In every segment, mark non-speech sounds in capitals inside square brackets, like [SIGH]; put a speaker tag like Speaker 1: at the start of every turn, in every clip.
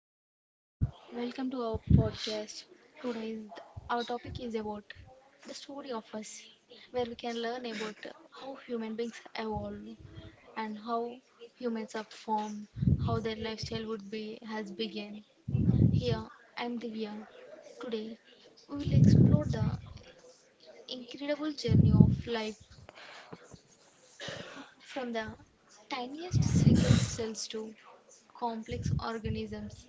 Speaker 1: everyone. Welcome to our podcast. Today's our topic is about the story of us, where we can learn about how human beings evolve and how humans are formed, how their lifestyle would be has begun. Here, I'm Divya. Today, we will explore the incredible journey of life from the tiniest single cells to complex organisms,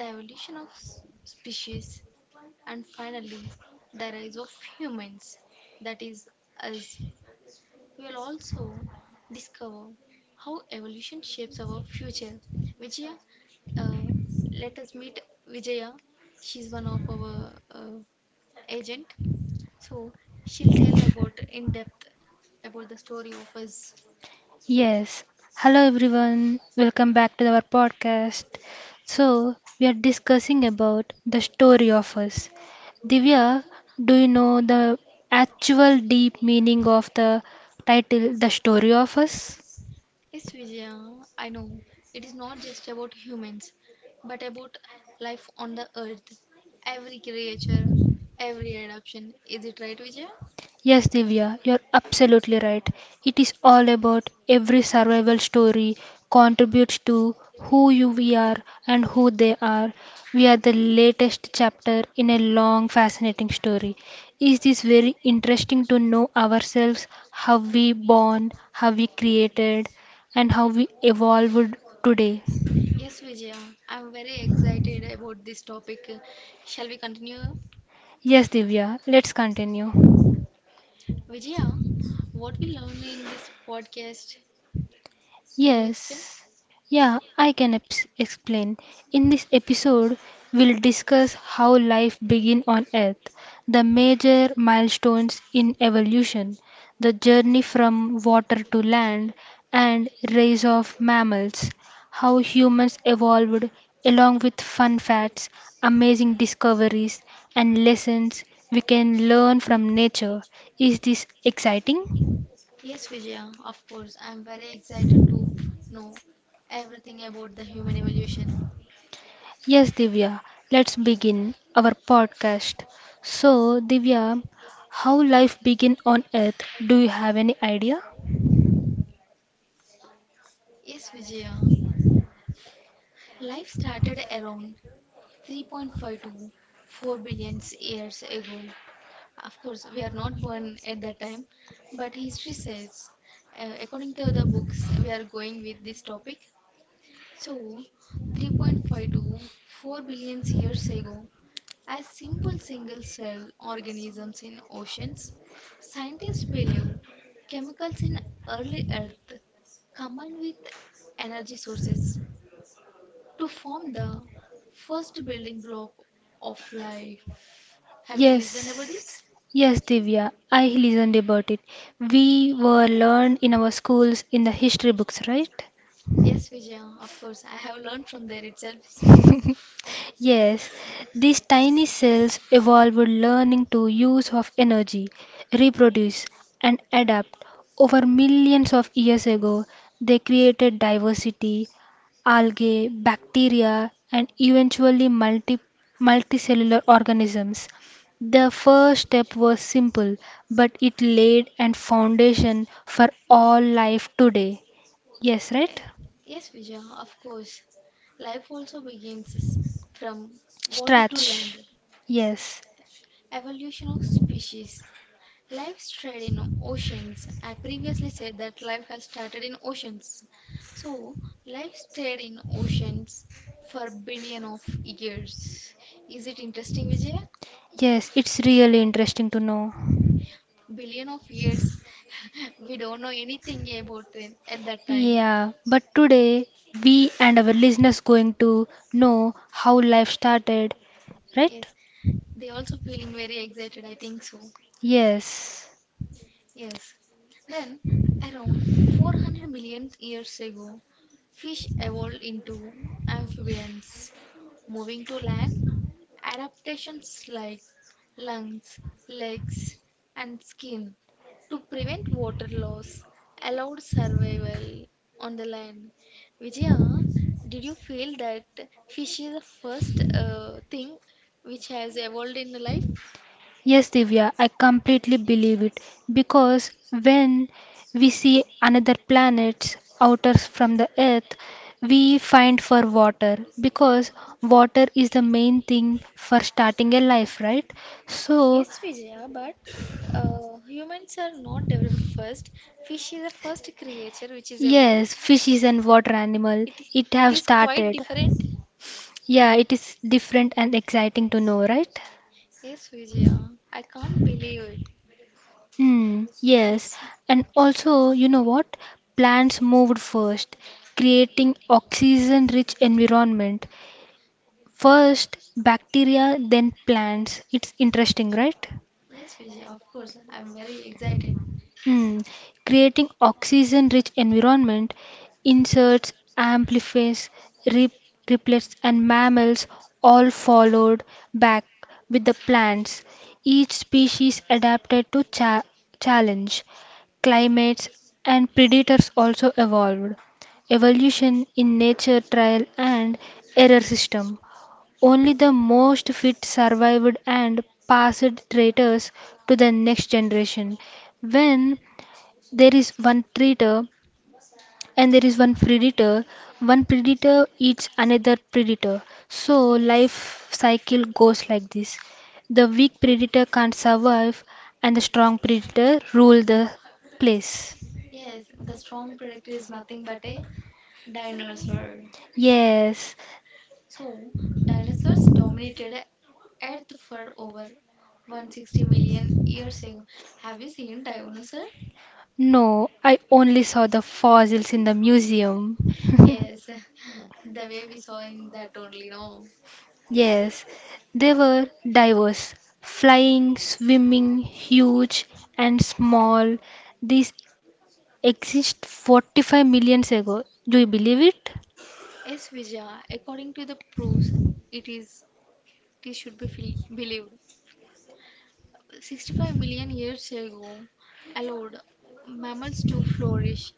Speaker 1: the evolution of species, and finally, the rise of humans, that is, us. We will also discover how evolution shapes our future. Vijaya, uh, let us meet Vijaya. She's one of our agent, so she'll tell about in depth about the story of us.
Speaker 2: Yes. Hello everyone. Welcome back to our podcast. So, we are discussing about the story of us. Divya, do you know the actual deep meaning of the title The Story of Us?
Speaker 1: Yes, Vijaya, I know it is not just about humans, but about life on the earth, every creature, every adoption. Is it right, Vijaya?
Speaker 2: Yes, Divya, you're absolutely right. It is all about every survival story contributes to who you we are and who they are. We are the latest chapter in a long, fascinating story. Is this very interesting to know ourselves, how we born, how we created, and how we evolved today?
Speaker 1: Yes, Vijaya, I'm very excited about this topic. Shall we continue?
Speaker 2: Yes, Divya, let's continue.
Speaker 1: Vijaya, what we learn in this podcast, can you explain?
Speaker 2: Yes, yeah, I can eps explain. In this episode, we'll discuss how life began on Earth, the major milestones in evolution, the journey from water to land, and rise of mammals, how humans evolved, along with fun facts, amazing discoveries, and lessons we can learn from nature. Is this exciting?
Speaker 1: Yes, Vijaya, of course, I'm very excited to know everything about the human evolution.
Speaker 2: Yes, Divya, let's begin our podcast. So, Divya, how life began on earth? Do you have any idea?
Speaker 1: Yes, Vijaya, life started around 3.5 to 4 billion years ago. Of course, we are not born at that time, but history says, according to the books, we are going with this topic. So, 3.5 to 4 billion years ago, as simple single cell organisms in oceans, scientists believe chemicals in early Earth combined with energy sources to form the first building block of life. Have you listened about this?
Speaker 2: Yes. Yes, Divya, I listened about it. We were learned in our schools in the history books, right?
Speaker 1: Yes, Vijaya, of course. I have learned from there itself.
Speaker 2: Yes, these tiny cells evolved learning to use of energy, reproduce and adapt. Over millions of years ago, they created diversity, algae, bacteria and eventually multicellular organisms. The first step was simple, but it laid a foundation for all life today. Yes,
Speaker 1: Eh,
Speaker 2: right?
Speaker 1: Yes, Vijaya, of course. Life also begins from water to land.
Speaker 2: Stretch. Yes.
Speaker 1: Evolution of species. Life started in oceans. I previously said that life has started in oceans. So, life stayed in oceans for billion of years. Is it interesting, Vijay?
Speaker 2: Yes, it's really interesting to know.
Speaker 1: Billion of years. We don't know anything about them at that time.
Speaker 2: Yeah, but today we and our listeners going to know how life started, right?
Speaker 1: Yes, they also feeling very excited, I think so.
Speaker 2: Yes. Yes.
Speaker 1: Yes. Then around 400 million years ago, fish evolved into amphibians. Moving to land, adaptations like lungs, legs, and skin to prevent water loss allowed survival on the land. Vijaya, did you feel that fish is the first thing which has evolved in life?
Speaker 2: Yes, Divya, I completely believe it because when we see another planet's outer from the earth, we find for water because water is the main thing for starting a life, right? So,
Speaker 1: Yes, Vijaya, but humans are not developed first. Fish is the first creature which is evolved.
Speaker 2: yes, fish is an water animal. It
Speaker 1: It,
Speaker 2: is. It
Speaker 1: it
Speaker 2: have
Speaker 1: is quite
Speaker 2: started.
Speaker 1: different.
Speaker 2: Yeah, it is different and exciting to know, right?
Speaker 1: Yes, Vijaya, I can't believe it.
Speaker 2: Hmm, yes.
Speaker 1: Let's
Speaker 2: And also, you know what? Plants moved first, creating oxygen-rich environment. First bacteria, then plants. It's interesting, right?
Speaker 1: Yes, Vijaya, of course, I'm very excited.
Speaker 2: Hmm. Creating oxygen-rich environment, insects, amphibians, rip, riplets, and mammals all followed back with the plants. Each species adapted to challenge, climates, and predators also evolved. Evolution in nature trial and error system. Only the most fit survived and passed traitors to the next generation. When there is one traitor and there is one predator. One predator eats another predator. So
Speaker 1: Yes,
Speaker 2: life cycle goes like this. The weak predator can't survive and the strong predator rule the place.
Speaker 1: yes, the strong predictor is nothing but a dinosaur.
Speaker 2: Yes.
Speaker 1: So, dinosaurs dominated Earth for over 160 million years ago. Have you seen dinosaur?
Speaker 2: No, I only saw the fossils in the museum.
Speaker 1: Yes, [LAUGHS] the way we saw in that only, no?
Speaker 2: Yes, they were diverse, flying, swimming, huge and small. These exist 45 million ago. Do you believe it?
Speaker 1: Yes, Vijaya, according to the proofs, it is it should be feel, believed. 65 million years ago allowed mammals to flourish,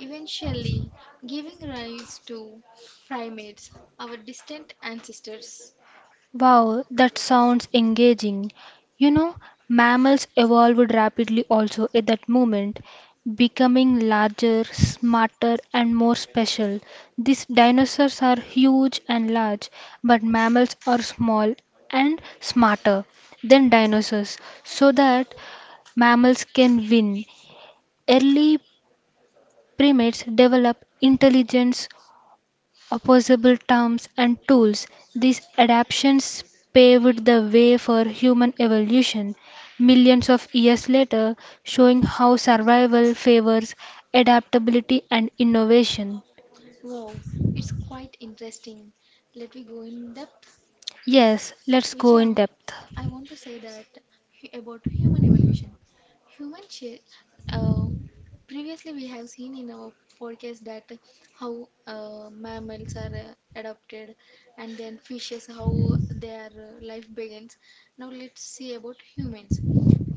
Speaker 1: eventually giving rise to primates, our distant ancestors.
Speaker 2: Wow, that sounds engaging. You know, mammals evolved rapidly also at that moment, becoming larger, smarter, and more special. These dinosaurs are huge and large, but mammals are small and smarter than dinosaurs, so that mammals can win. Early primates develop intelligence opposable terms and tools, these adaptations paved the way for human evolution millions of years later, showing how survival favors adaptability and innovation.
Speaker 1: Wow, it's quite interesting. Let me go in depth.
Speaker 2: Yes, let's go
Speaker 1: Vijaya,
Speaker 2: in depth.
Speaker 1: I want to say that about human evolution. Human cha- uh, Previously we have seen in our podcast that how mammals are adopted and then fishes how their life begins. Now let's see about humans.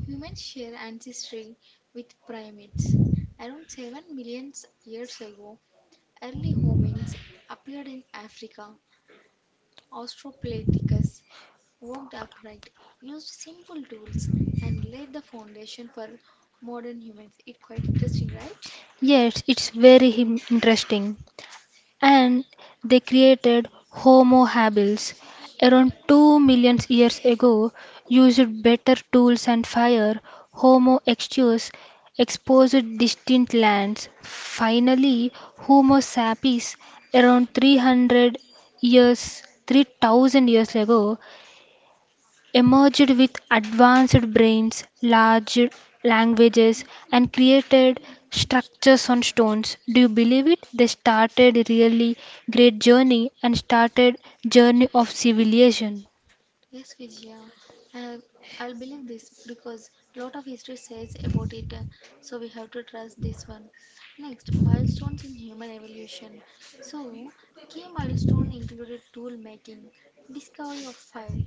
Speaker 1: Humans share ancestry with primates. Around 7 million years ago, early homins appeared in Africa. Australopithecus walked upright, used simple tools, and laid the foundation for modern humans. It's quite interesting, right?
Speaker 2: Yes, it's very interesting. And they created Homo habilis around 2 million years ago, used better tools and fire. Homo erectus exposed distant lands. Finally, Homo sapiens around 3000 years ago emerged with advanced brains, large languages, and created structures on stones. Do you believe it? They started really great journey and started journey of civilization.
Speaker 1: Yes, Vijaya. I have, I'll believe this because a lot of history says about it, so we have to trust this one. Next, milestones in human evolution. So, key milestone included tool making, discovery of fire,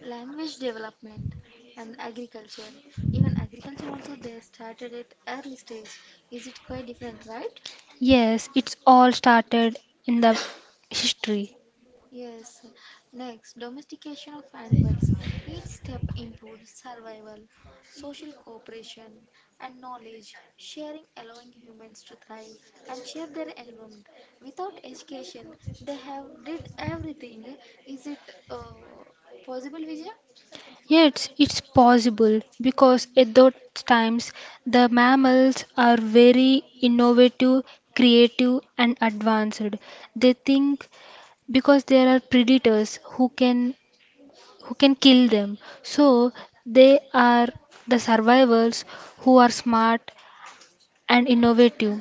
Speaker 1: language development, and agriculture. Even agriculture also they started at early stage. Is it quite different, right?
Speaker 2: Yes, it's all started in the history.
Speaker 1: Yes. Next, domestication of animals. Each step improves survival, social cooperation, and knowledge sharing, allowing humans to thrive and shape their environment. Without education, they have did everything. Is it uh, possible, Vijay?
Speaker 2: Yes, it's possible because at those times the mammals are very innovative, creative, and advanced. They think because there are predators who can kill them, so they are the survivors who are smart and innovative,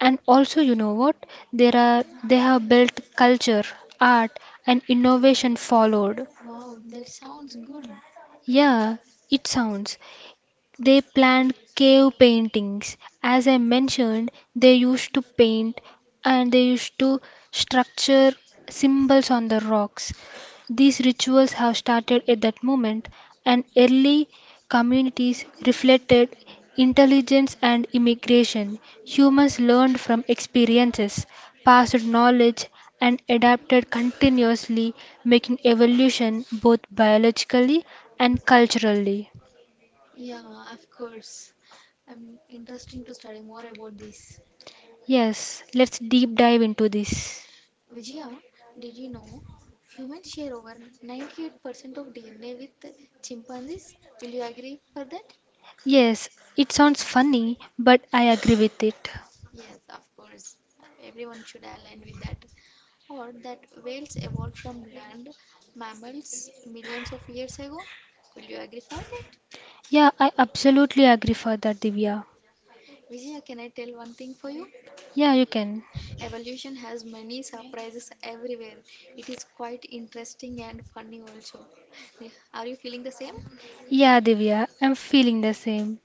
Speaker 2: and also you know what, there are they have built culture, art, and innovation followed.
Speaker 1: Wow, that sounds good.
Speaker 2: Yeah, it sounds. They planned cave paintings. As I mentioned, they used to paint and they used to structure symbols on the rocks. These rituals have started at that moment, and early communities reflected intelligence and immigration. Humans learned from experiences, passed knowledge, and adapted continuously, making evolution both biologically and culturally.
Speaker 1: Yeah, of course. I'm interesting to study more about this.
Speaker 2: Yes, let's deep dive into this.
Speaker 1: Vijaya, did you know humans share over 98% of DNA with chimpanzees? Will you agree for that?
Speaker 2: Yes, it sounds funny, but I agree with it.
Speaker 1: Yes, of course. Everyone should align with that. Or that whales evolved from land mammals millions of years ago? Will you agree for that?
Speaker 2: Yeah, I absolutely agree for that, Divya.
Speaker 1: Vijaya, can I tell one thing for you?
Speaker 2: Yeah, you can.
Speaker 1: Evolution has many surprises everywhere. It is quite interesting and funny also. [LAUGHS] Are you feeling the same?
Speaker 2: Yeah, Divya, I'm feeling the same.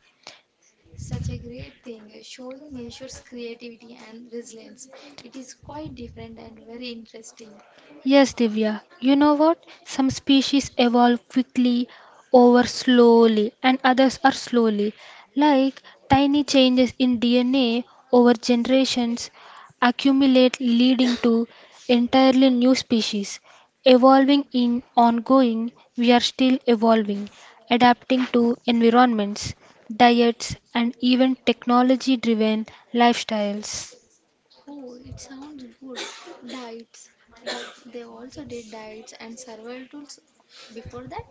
Speaker 1: Such a great thing, showing nature's creativity and resilience. It is quite different and very interesting.
Speaker 2: Yes, Divya. You know what? Some species evolve quickly over slowly, and others are slowly, like tiny changes in DNA over generations accumulate, leading to entirely new species. Evolving in ongoing, we are still evolving, adapting to environments, diets, and even technology driven lifestyles.
Speaker 1: Oh, it sounds good. Diets, that they also did diets and survival tools before that.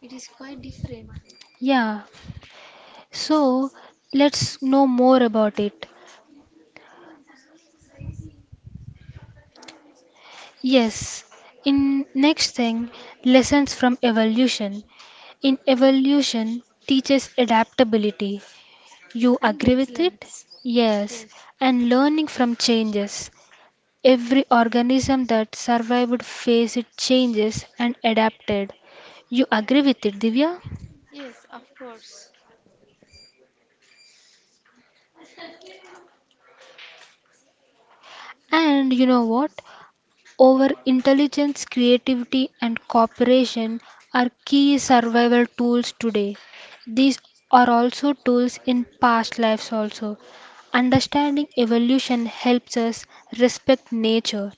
Speaker 1: It is quite different.
Speaker 2: Yeah, so let's know more about it. Yes. In next thing, lessons from evolution. In
Speaker 1: Oh,
Speaker 2: evolution teaches adaptability. You
Speaker 1: and
Speaker 2: agree with it?
Speaker 1: resilience.
Speaker 2: Yes.
Speaker 1: Yes,
Speaker 2: And learning from changes. Every organism that survived faced changes and adapted. You agree with it, Divya?
Speaker 1: yes, of course.
Speaker 2: And you know what? Over intelligence, creativity, and cooperation are key survival tools today. These are also tools in past lives also. Understanding evolution helps us respect nature,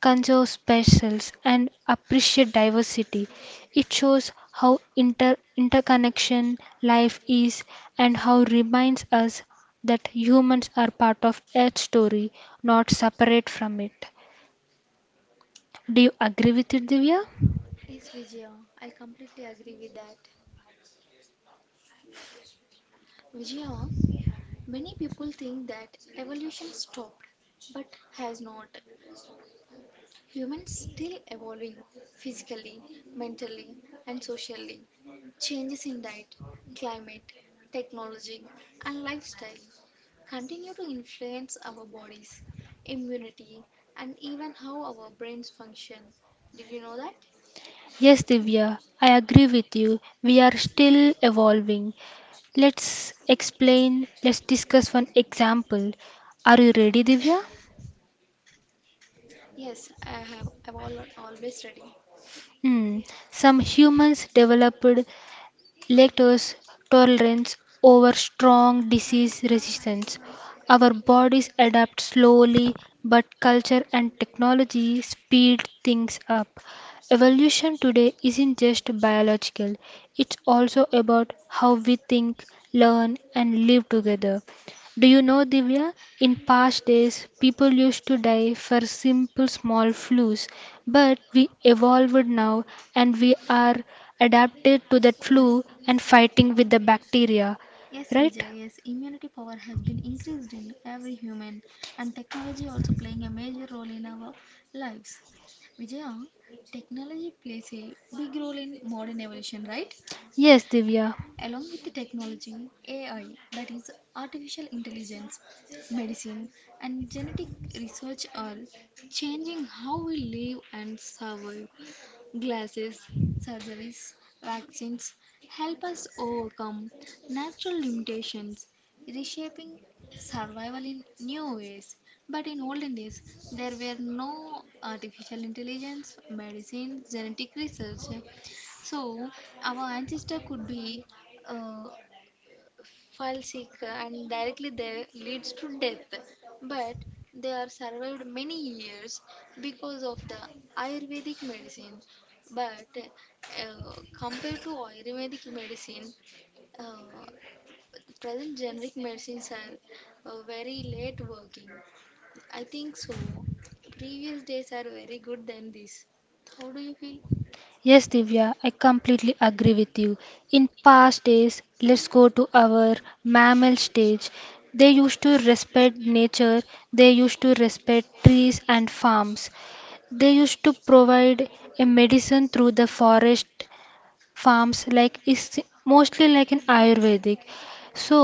Speaker 2: conserve specials, and appreciate diversity. It shows how interconnection life is and how reminds us that humans are part of Earth's story, not separate from it. Do you agree with it, Divya?
Speaker 1: Yes, Vijaya, I completely agree with that. Vijaya, many people think that evolution stopped, but has not. Humans still evolving physically, mentally, and socially. Changes in diet, climate, technology, and lifestyle continue to influence our bodies, immunity, and even how our brains function. Did you know that?
Speaker 2: Yes, Divya, I agree with you. We are still evolving. Let's explain, let's discuss one example. Are you ready, Divya?
Speaker 1: Yes, I have. Always ready.
Speaker 2: Hmm. Some humans developed lactose tolerance over strong disease resistance. Our bodies adapt slowly, but culture and technology speed things up. Evolution today isn't just biological, it's also about how we think, learn, and live together. Do you know, Divya? In past days, people used to die for simple small flus, but we evolved now and we are adapted to that
Speaker 1: Yes.
Speaker 2: flu and fighting with the bacteria,
Speaker 1: Yes,
Speaker 2: right?
Speaker 1: Vijay, yes, immunity power has been increased in every human and technology also playing a major role in our lives. Vijaya, technology plays a big role in modern evolution, right?
Speaker 2: Yes, Divya.
Speaker 1: Along with the technology, AI, that is artificial intelligence, medicine, and genetic research are changing how we live and survive. Glasses, surgeries, vaccines help us overcome natural limitations, reshaping survival in new ways. But in olden days, there were no artificial intelligence, medicines, genetic research. So, our ancestor could be uh, file seeker and directly there leads to death, but they are survived many years because of the ayurvedic medicine. But compared to ayurvedic medicine, uh, the present generic medicines are very late working, I think so. Previous days are very good than this. How do you feel?
Speaker 2: Yes, Divya, I completely agree with you. In past days, let's go to our mammal stage. They used to respect nature, they used to respect trees and farms. They used to provide a medicine through the forest farms like is mostly like in ayurvedic. So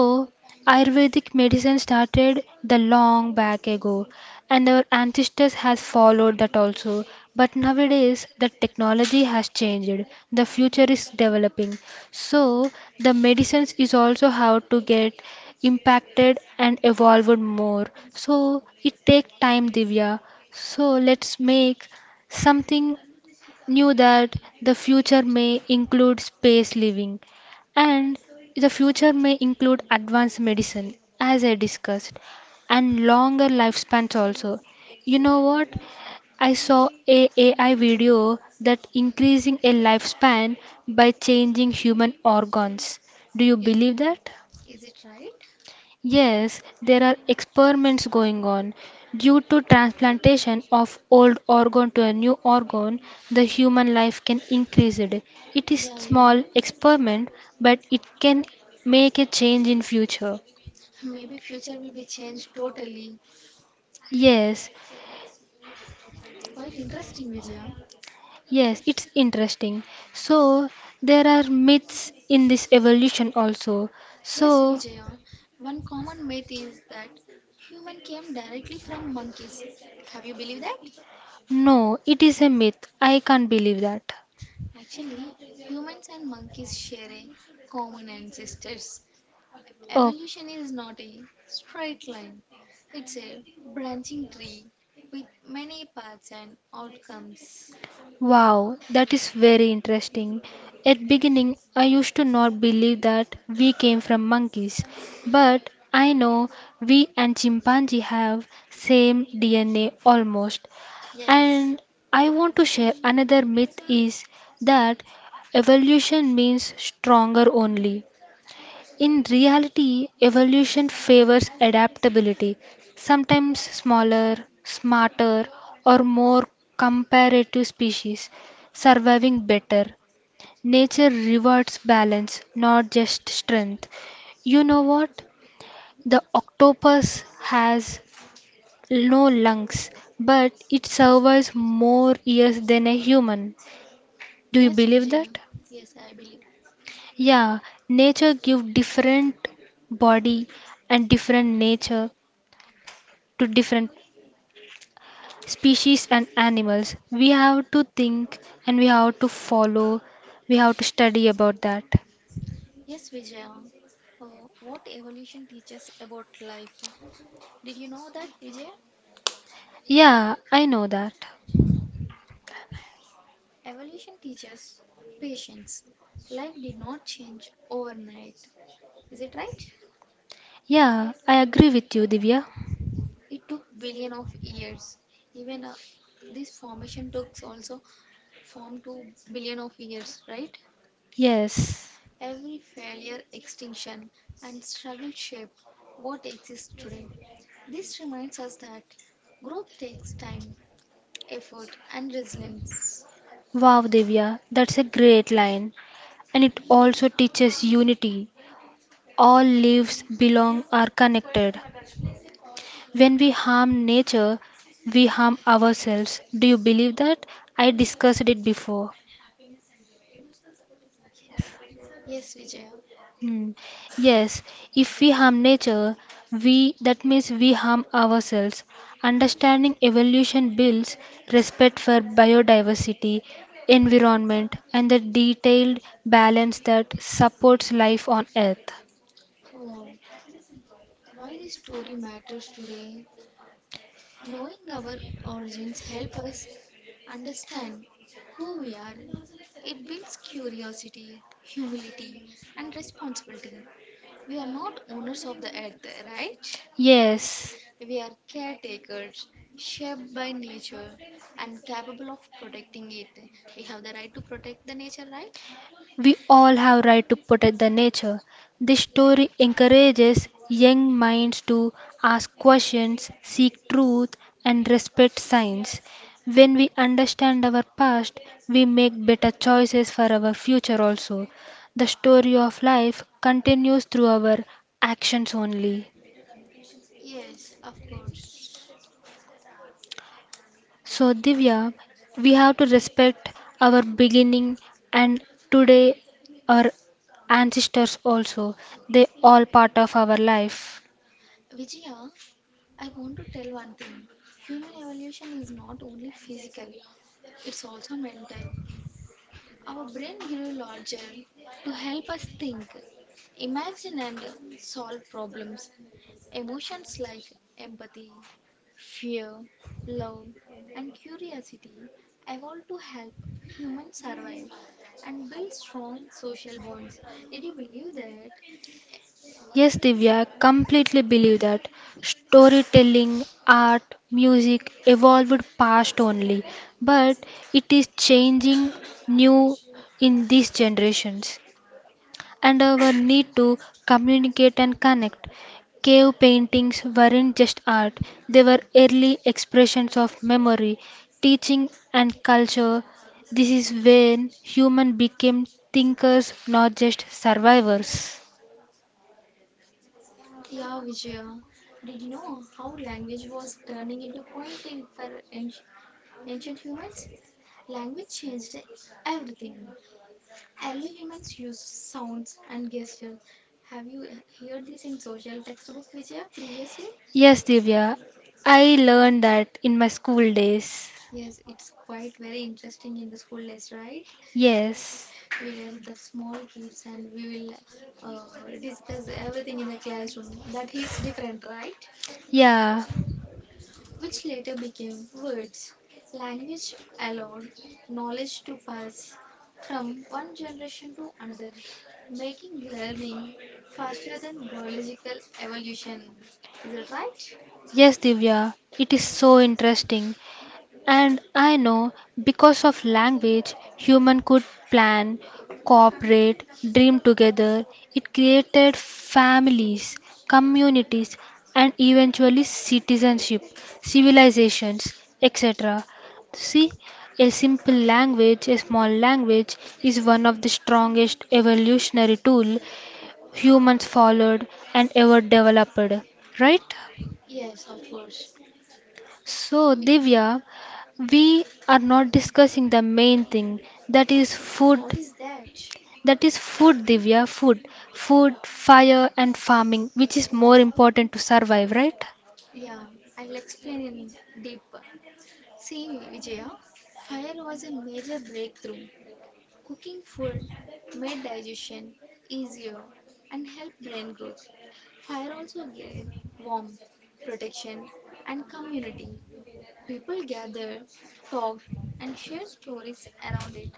Speaker 2: ayurvedic medicine started the long back ago, and our ancestors has followed that also. But nowadays the technology has changed, the future is developing. So the medicines is also how to get impacted and evolved more. So it take time, Divya. So let's make something knew that the future may include space living, and the future may include advanced medicine, as I discussed, and longer lifespans also. You know what? I saw a AI video that increasing a lifespan by changing human organs. Do you believe that?
Speaker 1: Is it
Speaker 2: Yes, there are experiments going on. Due to transplantation of old organ to a new organ, the
Speaker 1: right?
Speaker 2: human life can increase it. It is
Speaker 1: Yeah, yeah.
Speaker 2: small experiment, but it can make a change in future.
Speaker 1: Maybe future will be changed totally.
Speaker 2: Yes,
Speaker 1: Quite interesting, Vijaya.
Speaker 2: yes, it's interesting. So there are myths in this evolution also. Yes,
Speaker 1: Yes,
Speaker 2: so
Speaker 1: Vijaya. One common myth is that human came directly from monkeys. Have you believed that?
Speaker 2: no, it is a myth. I can't believe that.
Speaker 1: Actually, humans and monkeys share a common ancestors.
Speaker 2: Oh.
Speaker 1: Evolution is not a straight line. It's a branching tree with many paths and outcomes.
Speaker 2: Wow, that is very interesting. At beginning, I used to not believe that we came from monkeys, but I know we and chimpanzee have same DNA almost.
Speaker 1: Yes,
Speaker 2: And I want to share another myth is that evolution means stronger only. In reality, evolution favors adaptability. Sometimes smaller, smarter, or more comparative species surviving better. Nature rewards balance, not just strength. You know what? The octopus has no lungs, but it survives more years than a human. Do you
Speaker 1: yes,
Speaker 2: believe
Speaker 1: Vijaya.
Speaker 2: that?
Speaker 1: Yes, I believe.
Speaker 2: Yeah, nature give different body and different nature to different species and animals. We have to think and we have to follow, we have to study about that.
Speaker 1: Yes, Vijaya. What evolution teaches about life? Did you know that, Vijaya?
Speaker 2: Yeah, I know that.
Speaker 1: Evolution teaches patience. Life did not change overnight. Is it right?
Speaker 2: Yeah, I agree with you, Divya.
Speaker 1: It took billion of years. Even this formation took also form to billion of years, right?
Speaker 2: Yes.
Speaker 1: Every failure, extinction, and struggle shaped what exists today. This reminds us that growth takes time, effort, and resilience.
Speaker 2: Wow, Divya, that's a great line. And it also teaches unity. All lives belong are connected. When we harm nature, we harm ourselves. Do you believe that? I discussed it before.
Speaker 1: Yes, Vijaya.
Speaker 2: Hmm. Yes, if we harm nature, we that means we harm ourselves. Understanding evolution builds respect for biodiversity, environment, and the detailed balance that supports life on earth.
Speaker 1: Wow. Why this story matters today? Knowing our origins help us understand who we are. It builds curiosity, humility, and responsibility. We are not owners of the earth, right?
Speaker 2: Yes.
Speaker 1: We are caretakers, shaped by nature, and capable of protecting it. We have the right to protect the nature, right?
Speaker 2: We all have right to protect the nature. This story encourages young minds to ask questions, seek truth, and respect science. When we understand our past, we make better choices for our future also. The story of life continues through our actions only.
Speaker 1: Yes, of course.
Speaker 2: So, Divya, we have to respect our beginning and today our ancestors also. They all part of our life.
Speaker 1: Vijaya, I want to tell one thing. Human evolution is not only physical, it's also mental. Our brain grew larger to help us think, imagine, and solve problems. Emotions like empathy, fear, love, and curiosity evolved to help humans survive and build strong social bonds. Did you believe that?
Speaker 2: Yes, Divya, I completely believe that storytelling, art, music evolved past only, but it is changing new in these generations. And our need to communicate and connect. Cave paintings weren't just art, they were early expressions of memory, teaching, and culture. This is when humans became thinkers, not just survivors.
Speaker 1: Yeah, Vijaya. Did you know how language was turning into point in for anci- ancient humans? Language changed everything. Early humans used sounds and gestures. Have you heard this in social textbook, Vijaya, previously?
Speaker 2: Yes, Divya, I learned that in my school days.
Speaker 1: Yes, it's quite very interesting in the school days, right?
Speaker 2: Yes.
Speaker 1: We were the small kids and we will discuss everything in the classroom. That hits different, right?
Speaker 2: Yeah.
Speaker 1: Which later became words. Language allowed knowledge to pass from one generation to another, making learning faster than biological evolution. Is it right?
Speaker 2: Yes, Divya. It is so interesting. And I know because of language, human could plan, cooperate, dream together. It created families, communities, and eventually citizenship, civilizations, etc. See, a simple language, a small language, is one of the strongest evolutionary tool humans followed and ever developed. Right?
Speaker 1: Yes, of course.
Speaker 2: So, Divya, we are not discussing the main thing, that is food.
Speaker 1: What is that?
Speaker 2: That is food, Divya, food. Food, fire, and farming, which is
Speaker 1: Oh,
Speaker 2: more important to survive, right?
Speaker 1: yeah, I'll explain in deeper. See, Vijaya, fire was a major breakthrough. Cooking food made digestion easier and helped brain growth. Fire also gave warmth, protection, and community. People gathered, talked, and shared stories around it.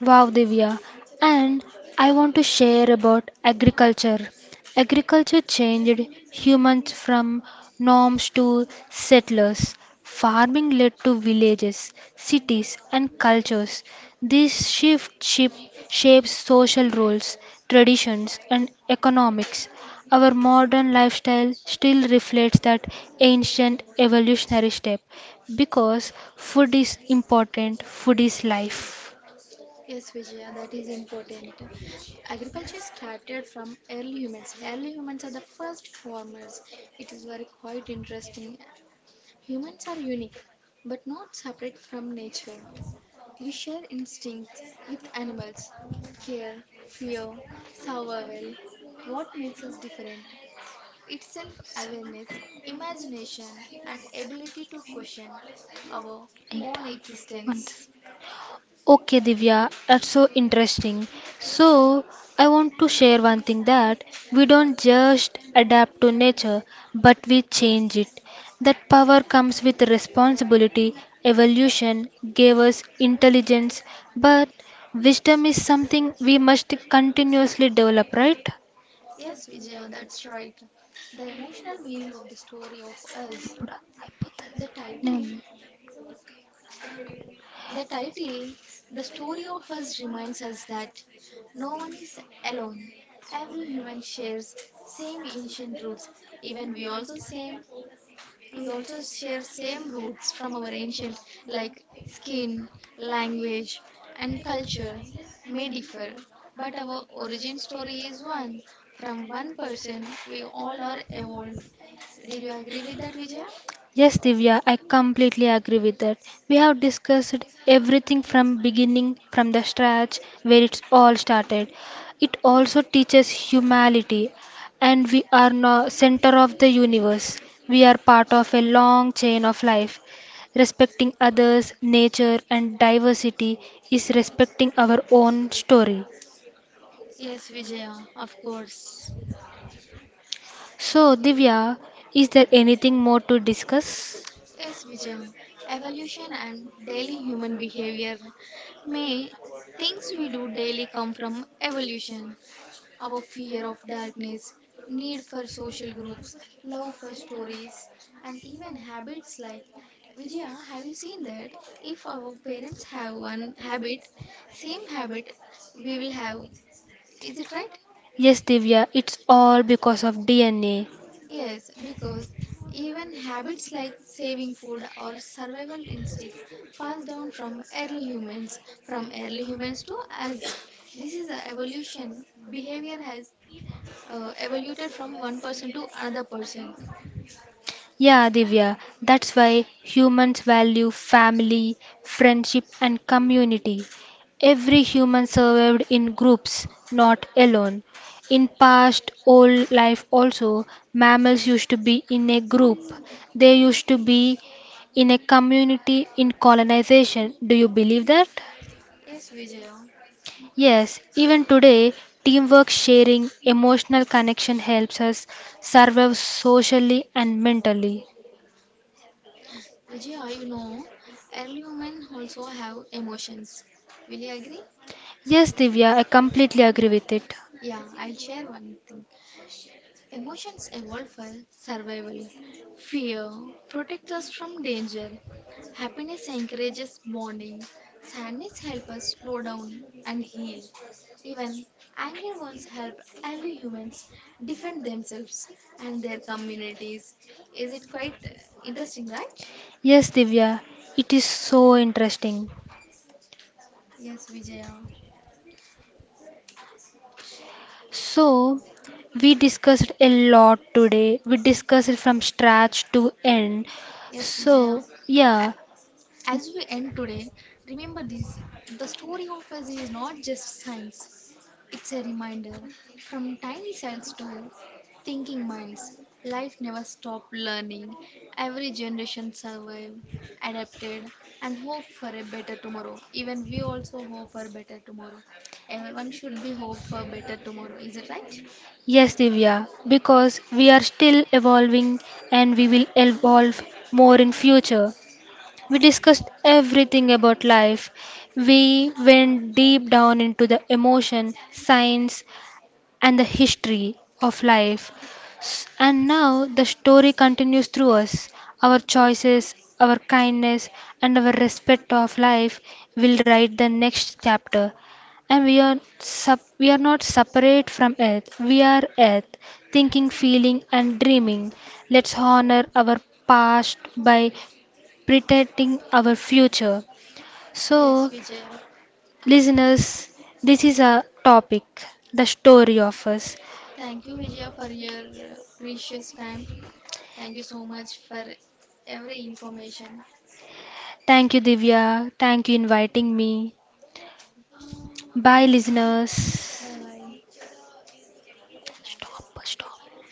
Speaker 2: Wow, Divya. And I want to share about agriculture. Agriculture changed humans from norms to settlers. Farming led to villages, cities, and cultures. This shift ship shapes social roles, traditions, and economics. Our modern lifestyle still reflects that ancient evolutionary step because food is important, food is life.
Speaker 1: Yes, Vijaya, that is important. Agriculture started from early humans. Early humans are the first farmers. It is very quite interesting. Humans are unique, but not separate from nature. We share instincts with animals care, fear, survival. What makes us different? It's self awareness, imagination, and ability to question our own existence.
Speaker 2: Want- Okay, Divya, that's so interesting. So, I want to share one thing that we don't just adapt to nature, but we change it. That power comes with responsibility. Evolution gave us intelligence, but wisdom is something we must continuously develop, right?
Speaker 1: Yes, Vijaya, that's right. The emotional meaning of the story of us. The
Speaker 2: No. No.
Speaker 1: title The title, The Story of Us, reminds us that no one is alone. Every human shares same ancient roots. Even we also same We also share same roots from our ancient, like skin, language and culture may differ, but our origin story is one. From one person we all are evolved. Did you agree with that, Vijaya?
Speaker 2: Yes, Divya, I completely agree with that. We have discussed everything from beginning, from the scratch, where it's all started. It also teaches humanity, and we are no center of the universe. We are part of a long chain of life. Respecting others, nature, and diversity is respecting our own story.
Speaker 1: Yes, Vijaya, of course.
Speaker 2: So, Divya, is there anything more to discuss?
Speaker 1: Yes, Vijay, evolution and daily human behavior. May things we do daily come from evolution. Our fear of darkness, need for social groups, love for stories, and even habits like, Vijaya, have you seen that? If our parents have one habit, same habit we will have. Is it right?
Speaker 2: Yes, Divya, it's all because of DNA.
Speaker 1: Yes, because even habits like saving food or survival instincts passed down from early humans to us. This is a evolution. Behavior has evolved from one person to another person.
Speaker 2: Yeah, Divya, that's why humans value family, friendship, and community. Every human survived in groups, not alone. In past old life also, mammals used to be in a group. They used to be in a community in colonization. Do you believe that?
Speaker 1: Yes, Vijaya.
Speaker 2: Yes, even today, teamwork, sharing, emotional connection helps us survive socially and mentally.
Speaker 1: Vijaya, you know, early women also have emotions. Will you agree?
Speaker 2: Yes, Divya, I completely agree with it.
Speaker 1: Yeah, I'll share one thing. Emotions evolve for survival. Fear protects us from danger. Happiness encourages bonding. Sadness helps us slow down and heal. Even anger once helped early humans defend themselves and their communities. Is it quite interesting, right?
Speaker 2: Yes, Divya, it is so interesting.
Speaker 1: Yes, Vijaya.
Speaker 2: So, we discussed a lot today. We discussed it from scratch to end.
Speaker 1: Yes, Vijaya.
Speaker 2: So, yeah,
Speaker 1: As we end today, remember this the story of us is not just science. It's a reminder from tiny cells to thinking minds. Life never stopped learning. Every generation survived, adapted, and hope for a better tomorrow. Even we also hope for better tomorrow. Everyone should be hope for better tomorrow. Is it right?
Speaker 2: yes, Divya, because we are still evolving and we will evolve more in future. We discussed everything about life. We went deep down into the emotion, science, and the history of life. And now the story continues through us. Our choices, our kindness, and our respect of life will write the next chapter. And we are we are not separate from earth. We are earth, thinking, feeling, and dreaming. Let's honor our past by protecting our future. Yes,
Speaker 1: Yes,
Speaker 2: so
Speaker 1: Vijaya.
Speaker 2: listeners, this is a topic, the story of us.
Speaker 1: Thank you, Vijaya, for your precious time. Thank you so much for every information.
Speaker 2: Thank you, Divya. Thank you inviting me. Bye,
Speaker 1: Bye
Speaker 2: listeners.
Speaker 1: bye.
Speaker 2: Stop, stop.